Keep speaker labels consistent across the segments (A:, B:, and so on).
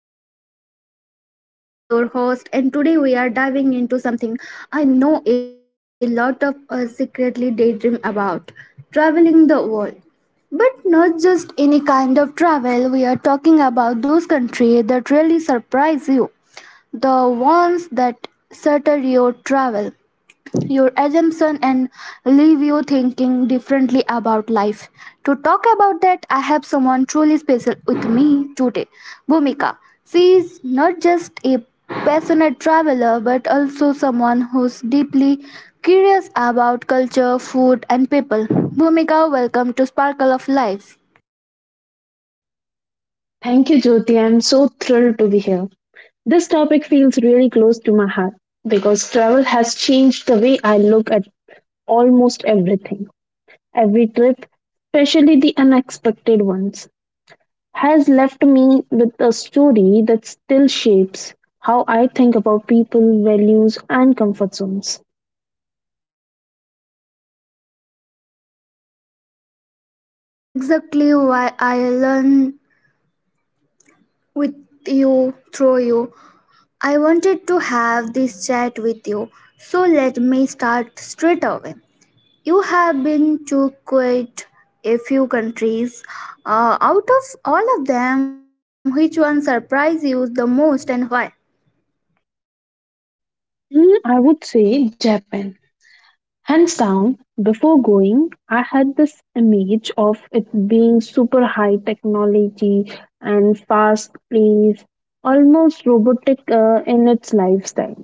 A: to Sparkle of Life. I am Jyoti, your host, and today we are diving into something I know a lot of us secretly daydream about, traveling the world. But not just any kind of travel, we are talking about those countries that really surprise you, the ones that shatter your travel your assumption and leave you thinking differently about life. To talk about that, I have someone truly special with me today, Bhumika. She is not just a passionate traveler but also someone who's deeply curious about culture, food, and people. Bhumika, welcome to Sparkle of Life.
B: Thank you, Jyoti. I'm so thrilled to be here. This topic feels really close to my heart because travel has changed the way I look at almost everything. Every trip, especially the unexpected ones, has left me with a story that still shapes how I think about people, values, and comfort zones.
A: That's exactly why I learn with you, through you. I wanted to have this chat with you, so let me start straight away. You have been to quite a few countries. Out of all of them, which one surprised you the most and why?
B: I would say Japan. Hands down, before going, I had this image of it being super high technology and fast paced, almost robotic in its lifestyle.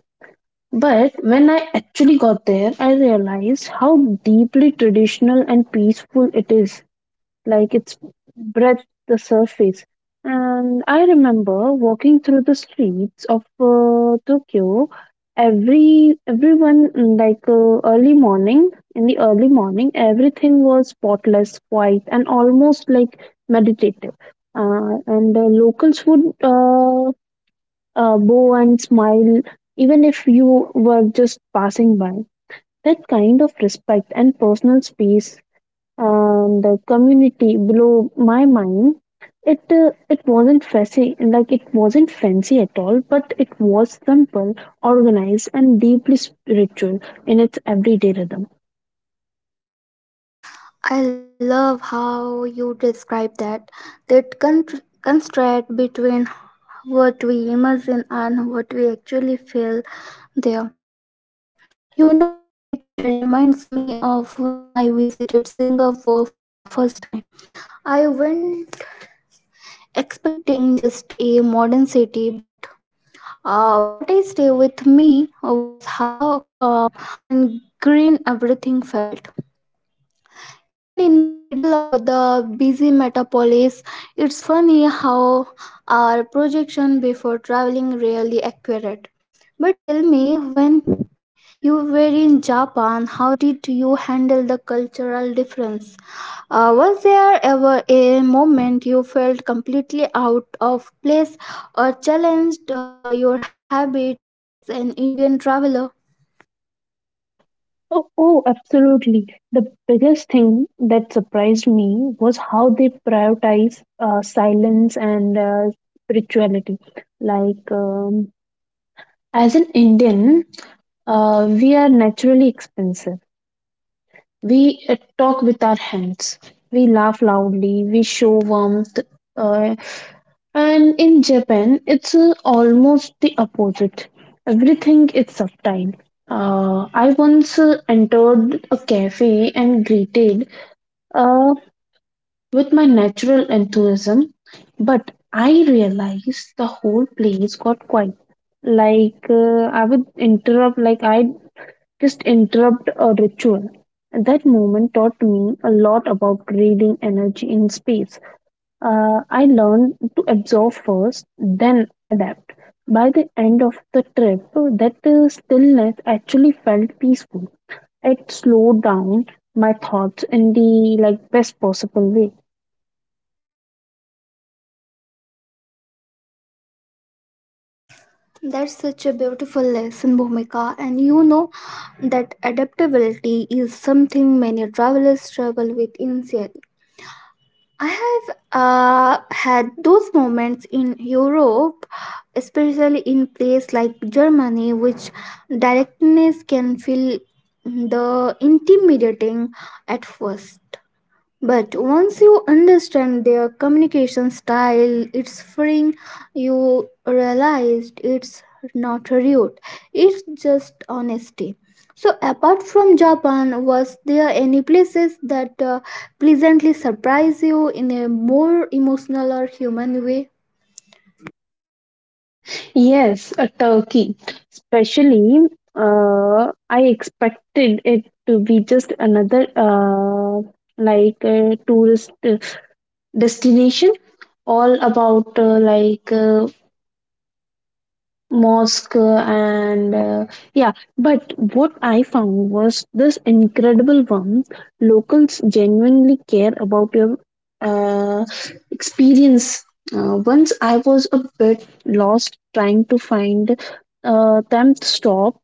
B: But when I actually got there, I realized how deeply traditional and peaceful it is, like it's breath the surface. And I remember walking through the streets of Tokyo, every everyone mm, like early morning in the early morning. Everything was spotless, quiet, and almost like meditative, and the locals would bow and smile even if you were just passing by. That kind of respect and personal space, the community, blew my mind. It wasn't fancy at all, but it was simple, organized, and deeply spiritual in its everyday rhythm.
A: I love how you describe that, that con- constraint between what we imagine and what we actually feel there. You know, it reminds me of when I visited Singapore for the first time. I went expecting just a modern city, but what I stayed with me was how calm and green everything felt. Even in the middle of the busy metropolis, it's funny how our projection before traveling really accurate. But tell me, when you were in Japan, how did you handle the cultural difference? Was there ever a moment you felt completely out of place or challenged your habit as an Indian traveler?
B: Oh, absolutely. The biggest thing that surprised me was how they prioritize silence and spirituality. Like, um, as an Indian, we are naturally expensive. We talk with our hands. We laugh loudly. We show warmth. Uh, and in Japan, it's almost the opposite. Everything is subtle. I once entered a cafe and greeted uh, with my natural enthusiasm, but I realized the whole place got quiet. Like I just interrupt a ritual. And that moment taught me a lot about reading energy in space. I learned to absorb first, then adapt. By the end of the trip, that stillness actually felt peaceful. It slowed down my thoughts in the like best possible way.
A: That's such a beautiful lesson, Bhumika. And you know that adaptability is something many travelers struggle with initially. I have had those moments in Europe, especially in place like Germany, which directness can feel the intimidating at first, but once you understand their communication style, it's freeing. You realized it's not rude, it's just honesty. So apart from Japan, was there any places that pleasantly surprise you in a more emotional or human way?
B: Yes, a turkey. Especially, I expected it to be just another like a tourist destination, all about mosque and yeah, but what I found was this incredible one. Locals genuinely care about your uh, experience. Once I was a bit lost trying to find a temp stop,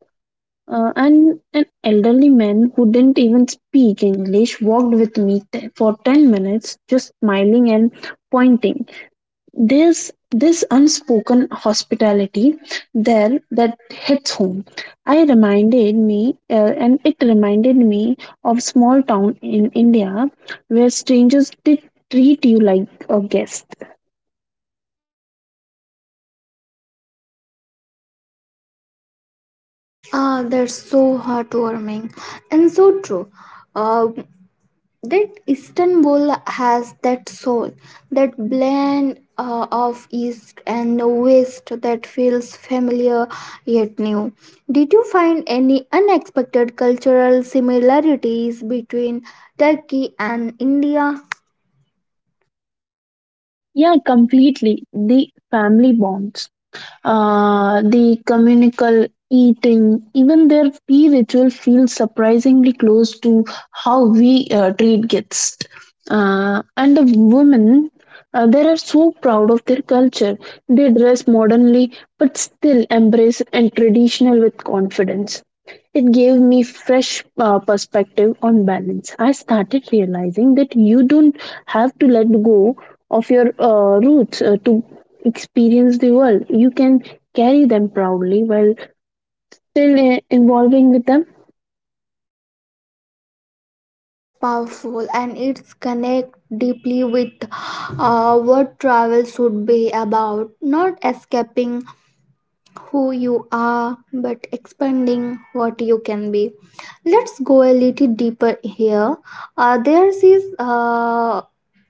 B: and an elderly man who didn't even speak english walked with me for 10 minutes, just smiling and pointing. There's this unspoken hospitality there that hits home. I reminded me, and it reminded me of small town in India where strangers did treat you like a guest.
A: Ah, that's so heartwarming and so true. Uh, that Istanbul has that soul, that blend of East and West that feels familiar yet new. Did you find any unexpected cultural similarities between Turkey and India?
B: Yeah, completely. The family bonds, the communal eating, even their tea ritual feels surprisingly close to how we treat guests. And the women, they are so proud of their culture. They dress modernly but still embrace and traditional with confidence. It gave me fresh perspective on balance. I started realizing that you don't have to let go of your roots to experience the world. You can carry them proudly while still involving with them.
A: Ah, that's powerful, and it's connect deeply with what travel should be about, not escaping who you are but expanding what you can be. Let's go a little deeper here. There's this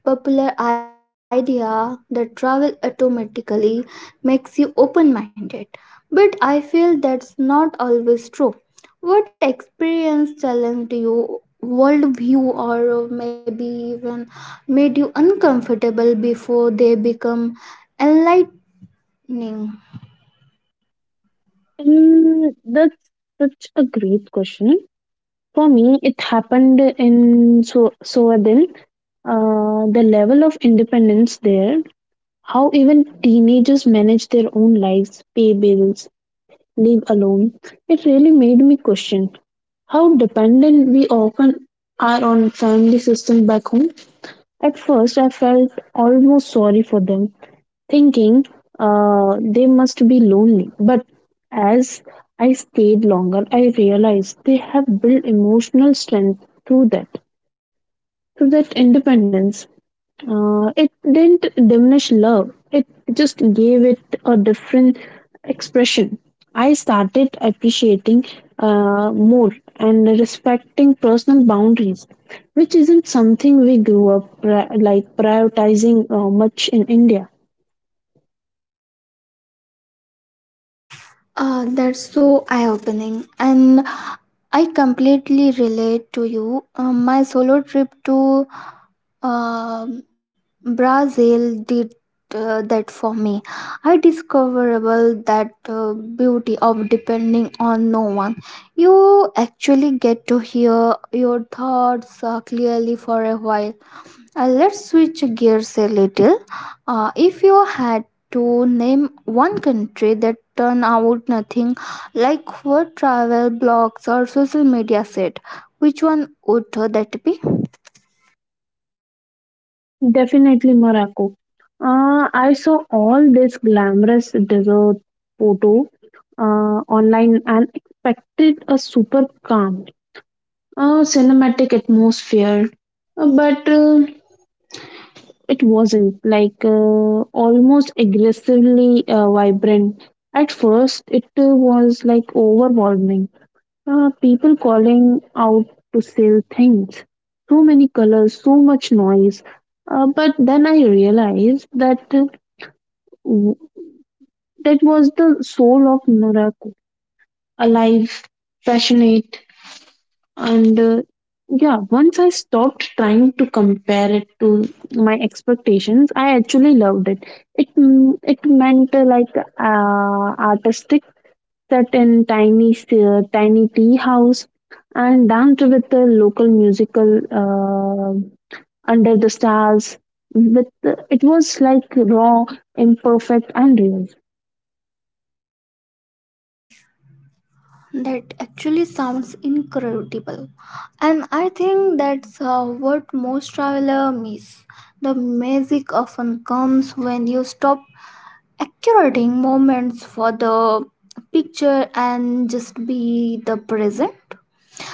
A: popular idea that travel automatically makes you open-minded, but I feel that's not always true. What experience challenged you worldview, or maybe even made you uncomfortable before they become enlightening?
B: That's such a great question. For me, it happened in so Soadil. The level of independence there, how even teenagers manage their own lives, pay bills, leave alone, it really made me question how dependent we often are on family systems back home. At first, I felt almost sorry for them, thinking they must be lonely. But as I stayed longer, I realized they have built emotional strength through that independence. It didn't diminish love, it just gave it a different expression. I started appreciating more and respecting personal boundaries, which isn't something we grew up prioritizing much in India.
A: That's so eye opening, and I completely relate to you. My solo trip to um Brazil did that for me. I discoverable that beauty of depending on no one. You actually get to hear your thoughts clearly for a while. Let's switch gears a little. If you had to name one country that turned out nothing like what travel blogs or social media said, which one would that be?
B: Definitely Morocco. I saw all this glamorous desert photo online and expected a super calm cinematic atmosphere. But It wasn't like almost aggressively vibrant. At first, it was like overwhelming. People calling out to sell things. So many colors, so much noise. But then I realized that, w- that was the soul of Norako, alive, passionate, and yeah. Once I stopped trying to compare it to my expectations, I actually loved it. It meant, artistic set in tiny tea house, and danced with the local musical under the stars. With It was like raw, imperfect, and real.
A: That actually sounds incredible. And I think that's what most travelers miss. The magic often comes when you stop accurating moments for the picture and just be the present.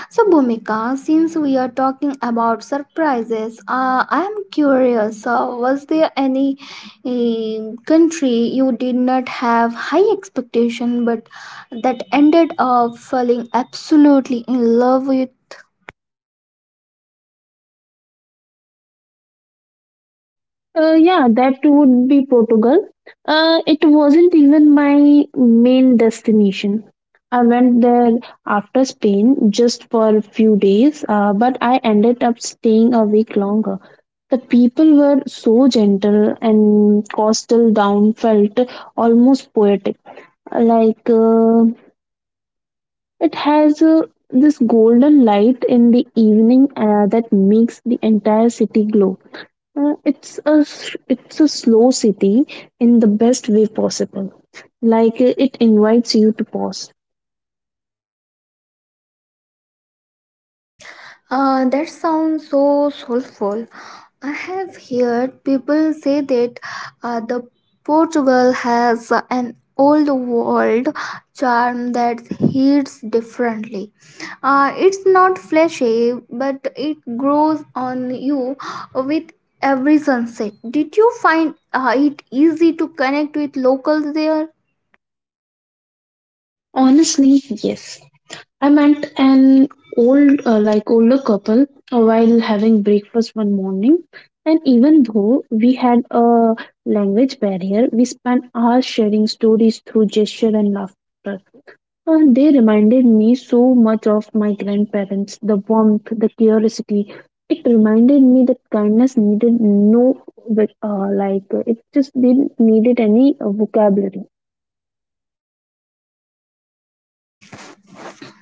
A: So, Bhumika, since we are talking about surprises, I am curious. Was there any country you did not have high expectation, but that ended up falling absolutely in love with?
B: Yeah, that would be Portugal. It wasn't even my main destination. I went there after Spain just for a few days, but I ended up staying a week longer. The people were so gentle and coastal down felt almost poetic. Like uh, it has this golden light in the evening that makes the entire city glow. It's a slow city in the best way possible. It invites you to pause.
A: That sounds so soulful. I have heard people say that the Portugal has an old world charm that hits differently. It's not flashy, but it grows on you with every sunset. Did you find it easy to connect with locals there?
B: Honestly, yes. I met an older couple while having breakfast one morning, and even though we had a language barrier, we spent hours sharing stories through gesture and laughter. And they reminded me so much of my grandparents, the warmth, the curiosity. It reminded me that kindness needed no, it just didn't needed any vocabulary.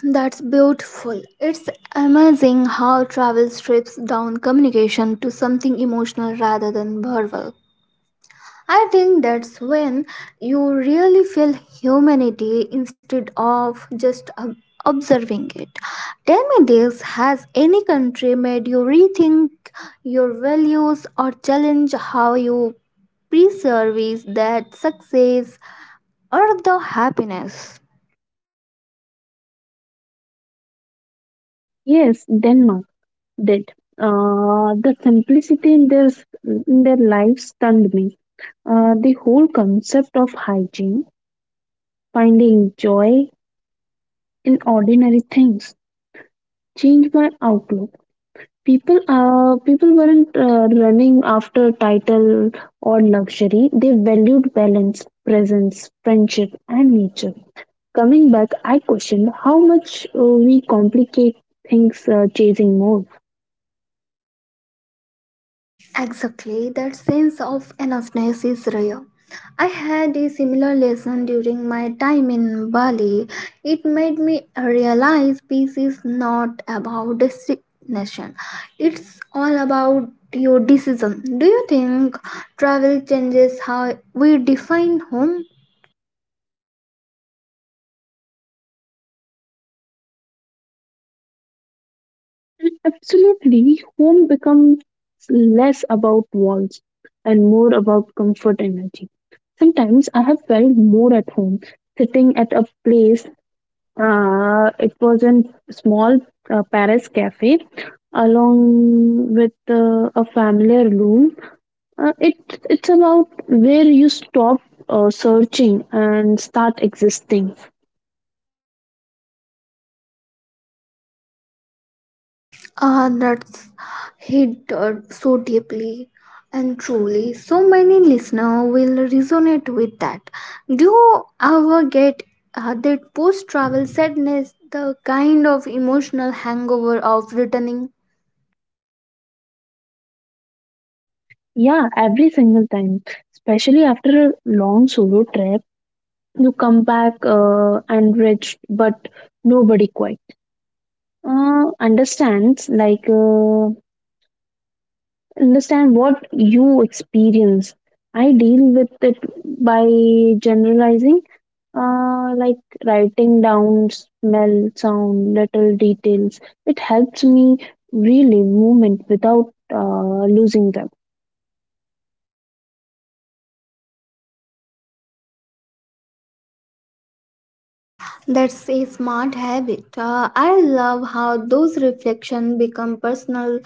A: That's beautiful. It's amazing how travel strips down communication to something emotional rather than verbal. I think that's when you really feel humanity instead of just observing it. Tell me, this has any country made you rethink your values or challenge how you preserve that success or the happiness?
B: Yes, Denmark did. The simplicity in their life stunned me. The whole concept of hygiene, finding joy in ordinary things, changed my outlook. People weren't running after title or luxury. They valued balance, presence, friendship, and nature. Coming back, I questioned how much we complicate things, chasing more.
A: Exactly, that sense of enoughness is real. I had a similar lesson during my time in Bali. It made me realize peace is not about destination, it's all about your decision. Do you think travel changes how we define home?
B: Absolutely, home becomes less about walls and more about comfort energy. Sometimes I have felt more at home sitting at a place. It was in small Paris cafe along with a family room. It it's about where you stop searching and start existing.
A: Ah, that's hit so deeply and truly. So many listeners will resonate with that. Do you ever get that post travel sadness, the kind of emotional hangover of returning?
B: Yeah, every single time, especially after a long solo trip, you come back enriched but nobody quite understands like. Understand what you experience. I deal with it by generalizing, uh, like writing down smell, sound, little details. It helps me relive movement without losing them.
A: That's a smart habit. I love how those reflections become personal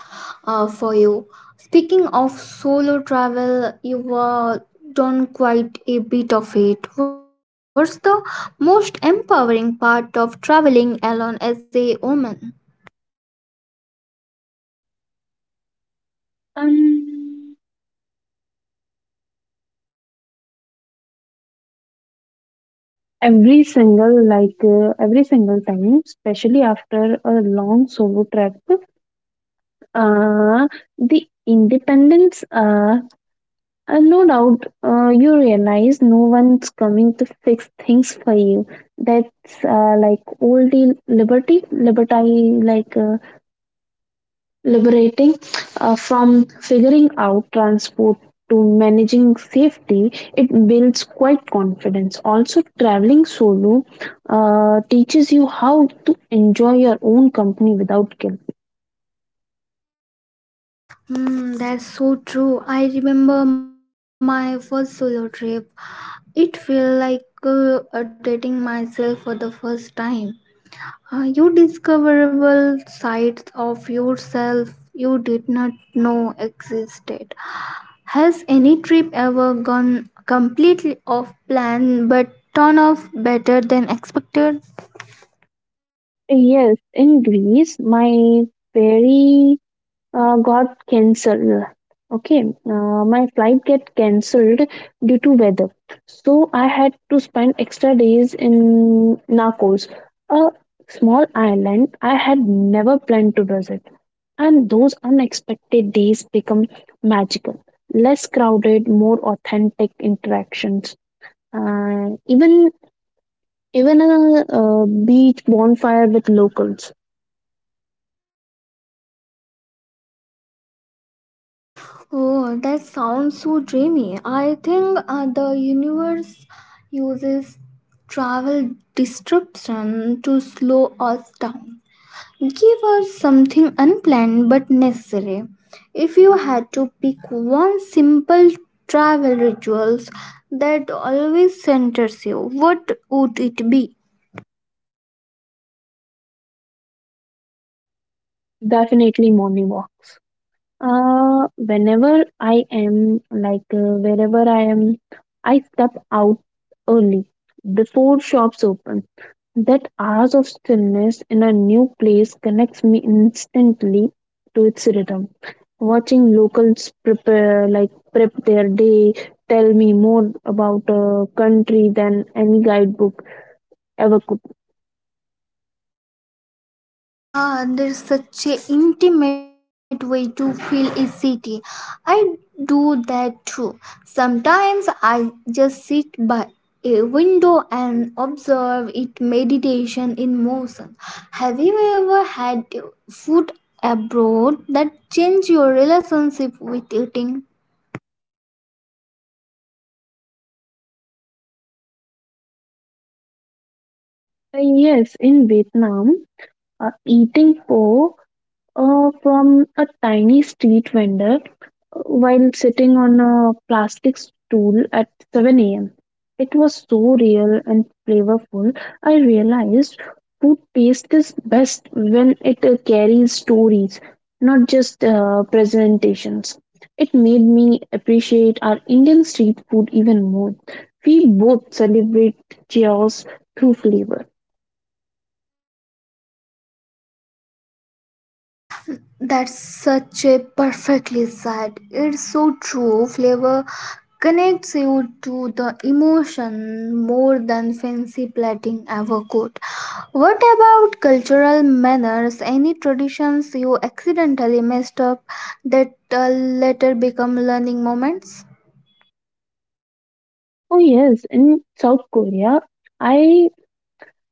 A: for you. Speaking of solo travel, you've done quite a bit of it. What's the most empowering part of traveling alone as a woman?
B: Um, every single time, especially after a long solo trip, uh, the independence, and no doubt you realize no one's coming to fix things for you. That's old liberty, liberty, like liberating, from figuring out transport to managing safety. It builds quite confidence. Also, traveling solo teaches you how to enjoy your own company without guilt.
A: Hmm, that's so true. I remember my first solo trip. It felt like dating myself for the first time. You discoverable sides of yourself you did not know existed. Has any trip ever gone completely off plan but turn off better than expected?
B: Yes, in Greece, my very got cancelled. Okay, my flight get cancelled due to weather, so I had to spend extra days in Narcos, a small island I had never planned to visit, and those unexpected days become magical. Less crowded, more authentic interactions, uh, even even a, beach bonfire with locals.
A: Oh, that sounds so dreamy. I think the universe uses travel disruption to slow us down. Give us something unplanned but necessary. If you had to pick one simple travel rituals that always centers you, what would it be?
B: Definitely morning walk. Whenever I am like Wherever I am, I step out early before shops open. That hours of stillness in a new place connects me instantly to its rhythm. Watching locals prep their day tell me more about a country than any guidebook ever could.
A: Ah, there's such a intimate way to feel a city. I do that too. Sometimes I just sit by a window and observe it meditation in motion. Have you ever had food abroad that changed your relationship with eating?
B: Yes, in Vietnam, eating pho from a tiny street vendor while sitting on a plastic stool at 7 a.m. It was so real and flavorful. I realized food taste is best when it carries stories, not just presentations. It made me appreciate our Indian street food even more. We both celebrate chaos through flavor.
A: That's such a perfectly said. It's so true. Flavor connects you to the emotion more than fancy plating ever could. What about cultural manners? Any traditions you accidentally messed up that later become learning moments?
B: Oh, yes, in South Korea, I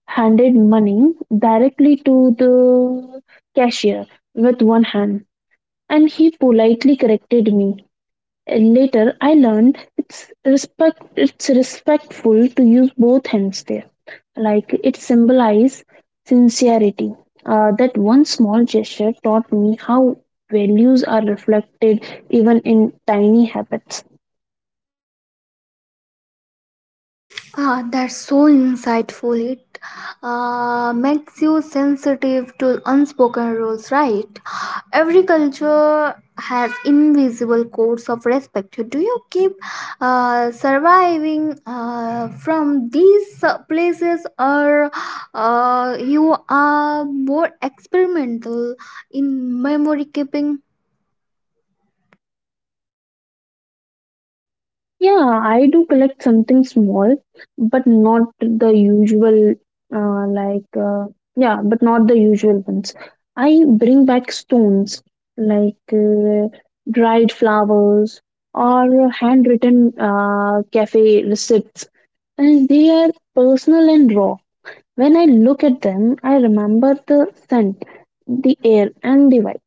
B: handed money directly to the cashier with one hand, and he politely corrected me. Later, I learned it's respect. It's respectful to use both hands there, like it symbolizes sincerity. That one small gesture taught me how values are reflected even in tiny habits.
A: Ah, that's so insightful. It makes you sensitive to unspoken rules, right? Every culture has invisible codes of respect. Do you keep surviving from these places, or you are more experimental in memory keeping?
B: Yeah, I do collect something small, but not the usual, uh, like, uh, yeah, but not the usual ones. I bring back stones, like uh, dried flowers, or handwritten cafe receipts, and they are personal and raw. When I look at them, I remember the scent, the air, and the vibe.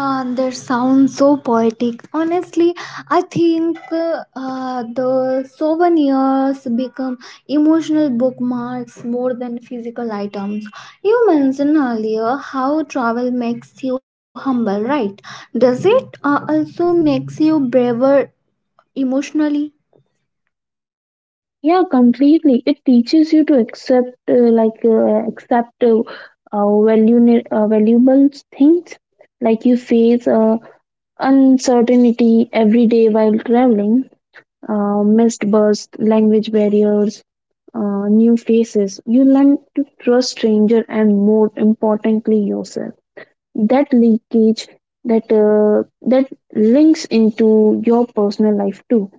A: Ah, that sounds so poetic. Honestly, I think the souvenirs become emotional bookmarks more than physical items. You mentioned earlier how travel makes you humble, right? Does it also makes you braver emotionally?
B: Yeah, completely. It teaches you to accept, valuable things. Like you face uncertainty every day while traveling, missed bus, language barriers, new faces. You learn to trust stranger and more importantly yourself. That leakage, that links into your personal life too.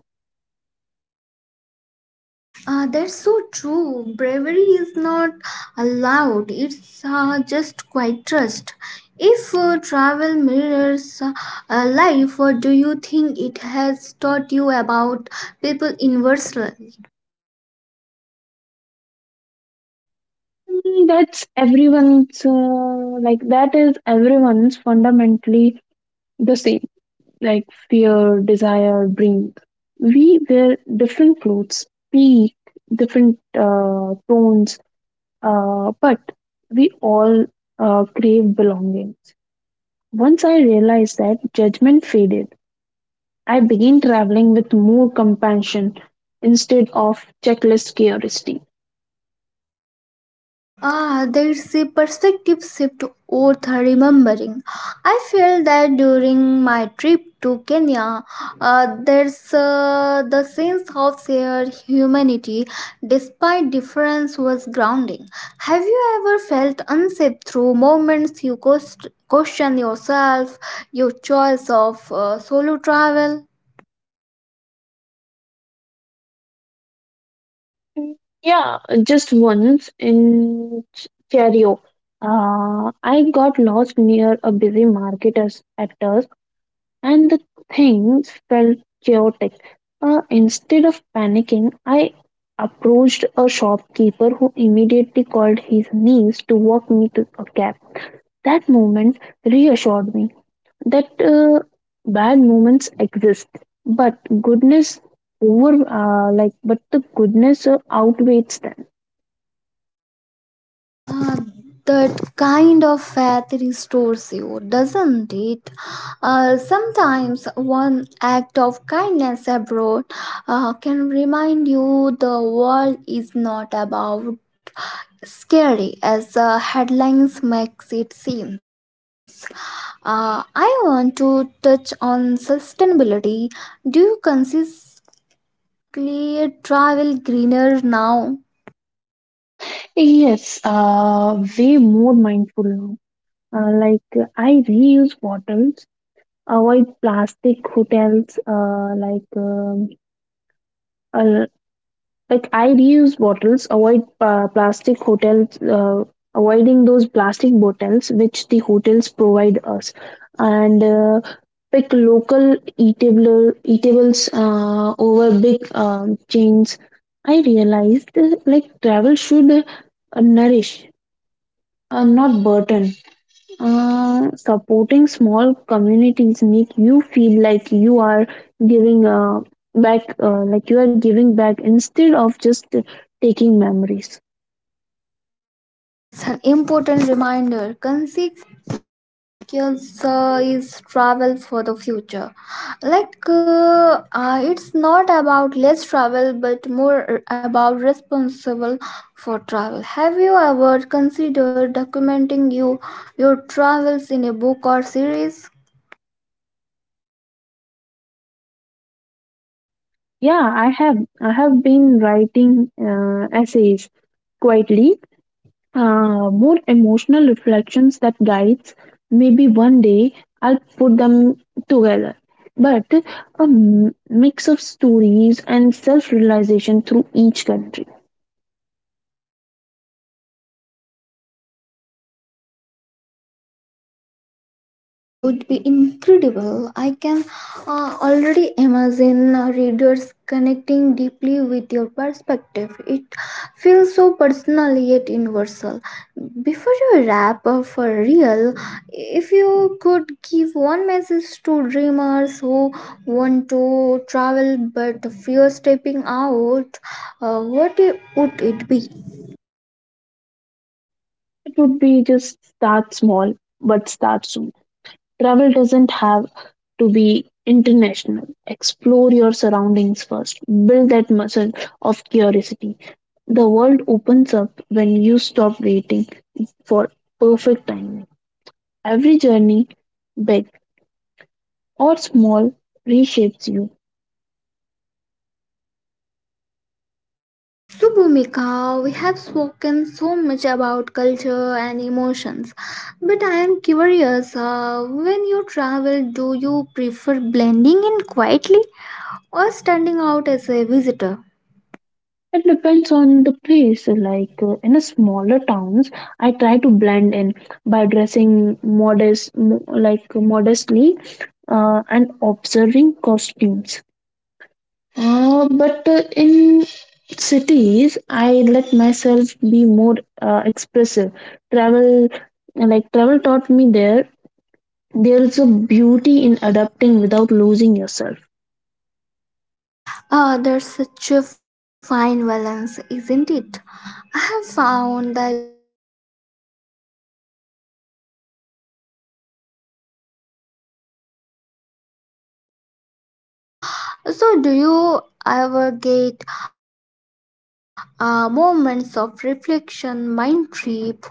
A: That's so true. Bravery is not allowed. It's just quite trust. If travel mirrors life, what do you think it has taught you about people in Versailles?
B: That is everyone's fundamentally the same, like fear, desire, dream. We wear different clothes, speak different tones, but we all crave belonging. Once I realized that, judgment faded. I began traveling with more compassion instead of checklist curiosity.
A: Ah, there's a perspective shift worth remembering. I felt that during my trip to Kenya. There's the sense of shared humanity despite difference was grounding. Have you ever felt unsafe through moments you question yourself, your choice of solo travel?
B: Yeah, just once in Cherio. I got lost near a busy market as actors, and the things felt chaotic. Instead of panicking, I approached a shopkeeper who immediately called his niece to walk me to a cab. That moment reassured me that bad moments exist, but goodness over like but the goodness outweighs them.
A: Uh, that kind of faith restores you, doesn't it? Sometimes one act of kindness abroad can remind you the world is not about scary as the headlines makes it seems. I want to touch on sustainability. Do you consistently travel greener now?
B: Yes, way more mindful now. Like I reuse bottles, avoid plastic hotels. Uh, like I reuse bottles, avoid plastic hotels, avoiding those plastic bottles which the hotels provide us, and pick local eatable eatables over big chains. I realized travel should nourish, not burden. Supporting small communities make you feel like you are giving back, like you are giving back instead of just taking memories.
A: Ah, that's an important reminder. Consequence is travel for the future. It's not about less travel, but more about responsible for travel. Have you ever considered documenting your travels in a book or series?
B: I have been writing essays quietly, more emotional reflections that guides. Maybe one day I'll put them together. But a mix of stories and self realization through each country.
A: That would be incredible. I can already imagine readers connecting deeply with your perspective. It feels so personal yet universal. Before you wrap up for real, if you could give one message to dreamers who want to travel but fear stepping out, what would it be?
B: It would be just start small, but start soon. Travel doesn't have to be international. Explore your surroundings first. Build that muscle of curiosity. The world opens up when you stop waiting for perfect timing. Every journey, big or small, reshapes you.
A: So, Bhumika, we have spoken so much about culture and emotions, but I am curious. When you travel, do you prefer blending in quietly or standing out as a visitor?
B: It depends on the place. In a smaller towns, I try to blend in by dressing modestly, and observing costumes. But In cities, I let myself be more expressive. Travel, Travel taught me there. There is a beauty in adapting without losing yourself.
A: Ah, there's such a fine balance, isn't it? I have found that showing efforts to respect local culture opens the door faster any fresh book ever could. So, do you ever get moments of reflection mind trip where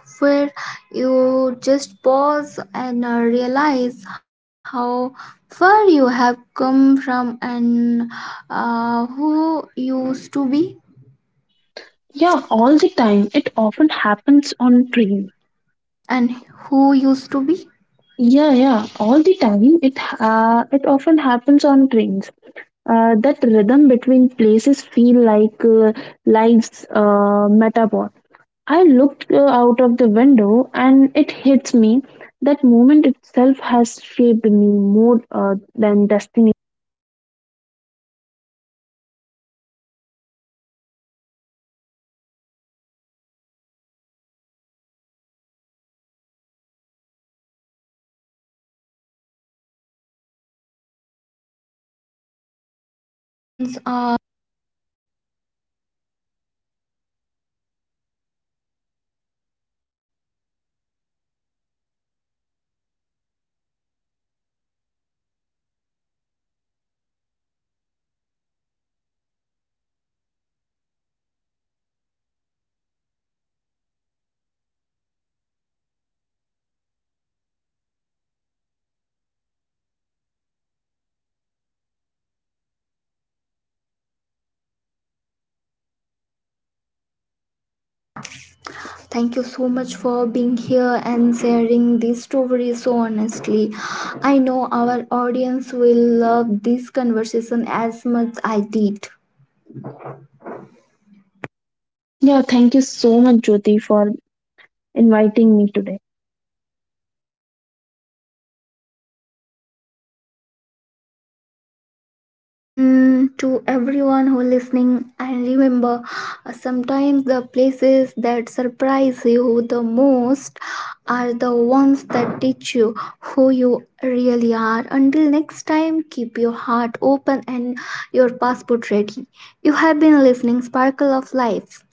A: you just pause and realize how far you have come from, and who used to be,
B: Yeah, all the time. It often happens on trains.
A: and who used to be?
B: Yeah, all the time. It often happens on trains. That rhythm between places feel like life's metaphor. I looked out of the window and it hits me. That moment itself has shaped me more than destiny.
A: That's so poetic. I totally understand what you mean. Sometimes transitions make us realize our growth. So Bhumika, uh, it's a really pleasure to me to having you with me for my uh, this episode. Thank you so much for being here and sharing these stories so honestly. I know our audience will love this conversation as much I did.
B: Yeah, thank you so much, Jyoti, for inviting me today.
A: And to everyone who listening, and remember, sometimes the places that surprise you the most are the ones that teach you who you really are. Until next time, keep your heart open and your passport ready. You have been listening Sparkle of Life.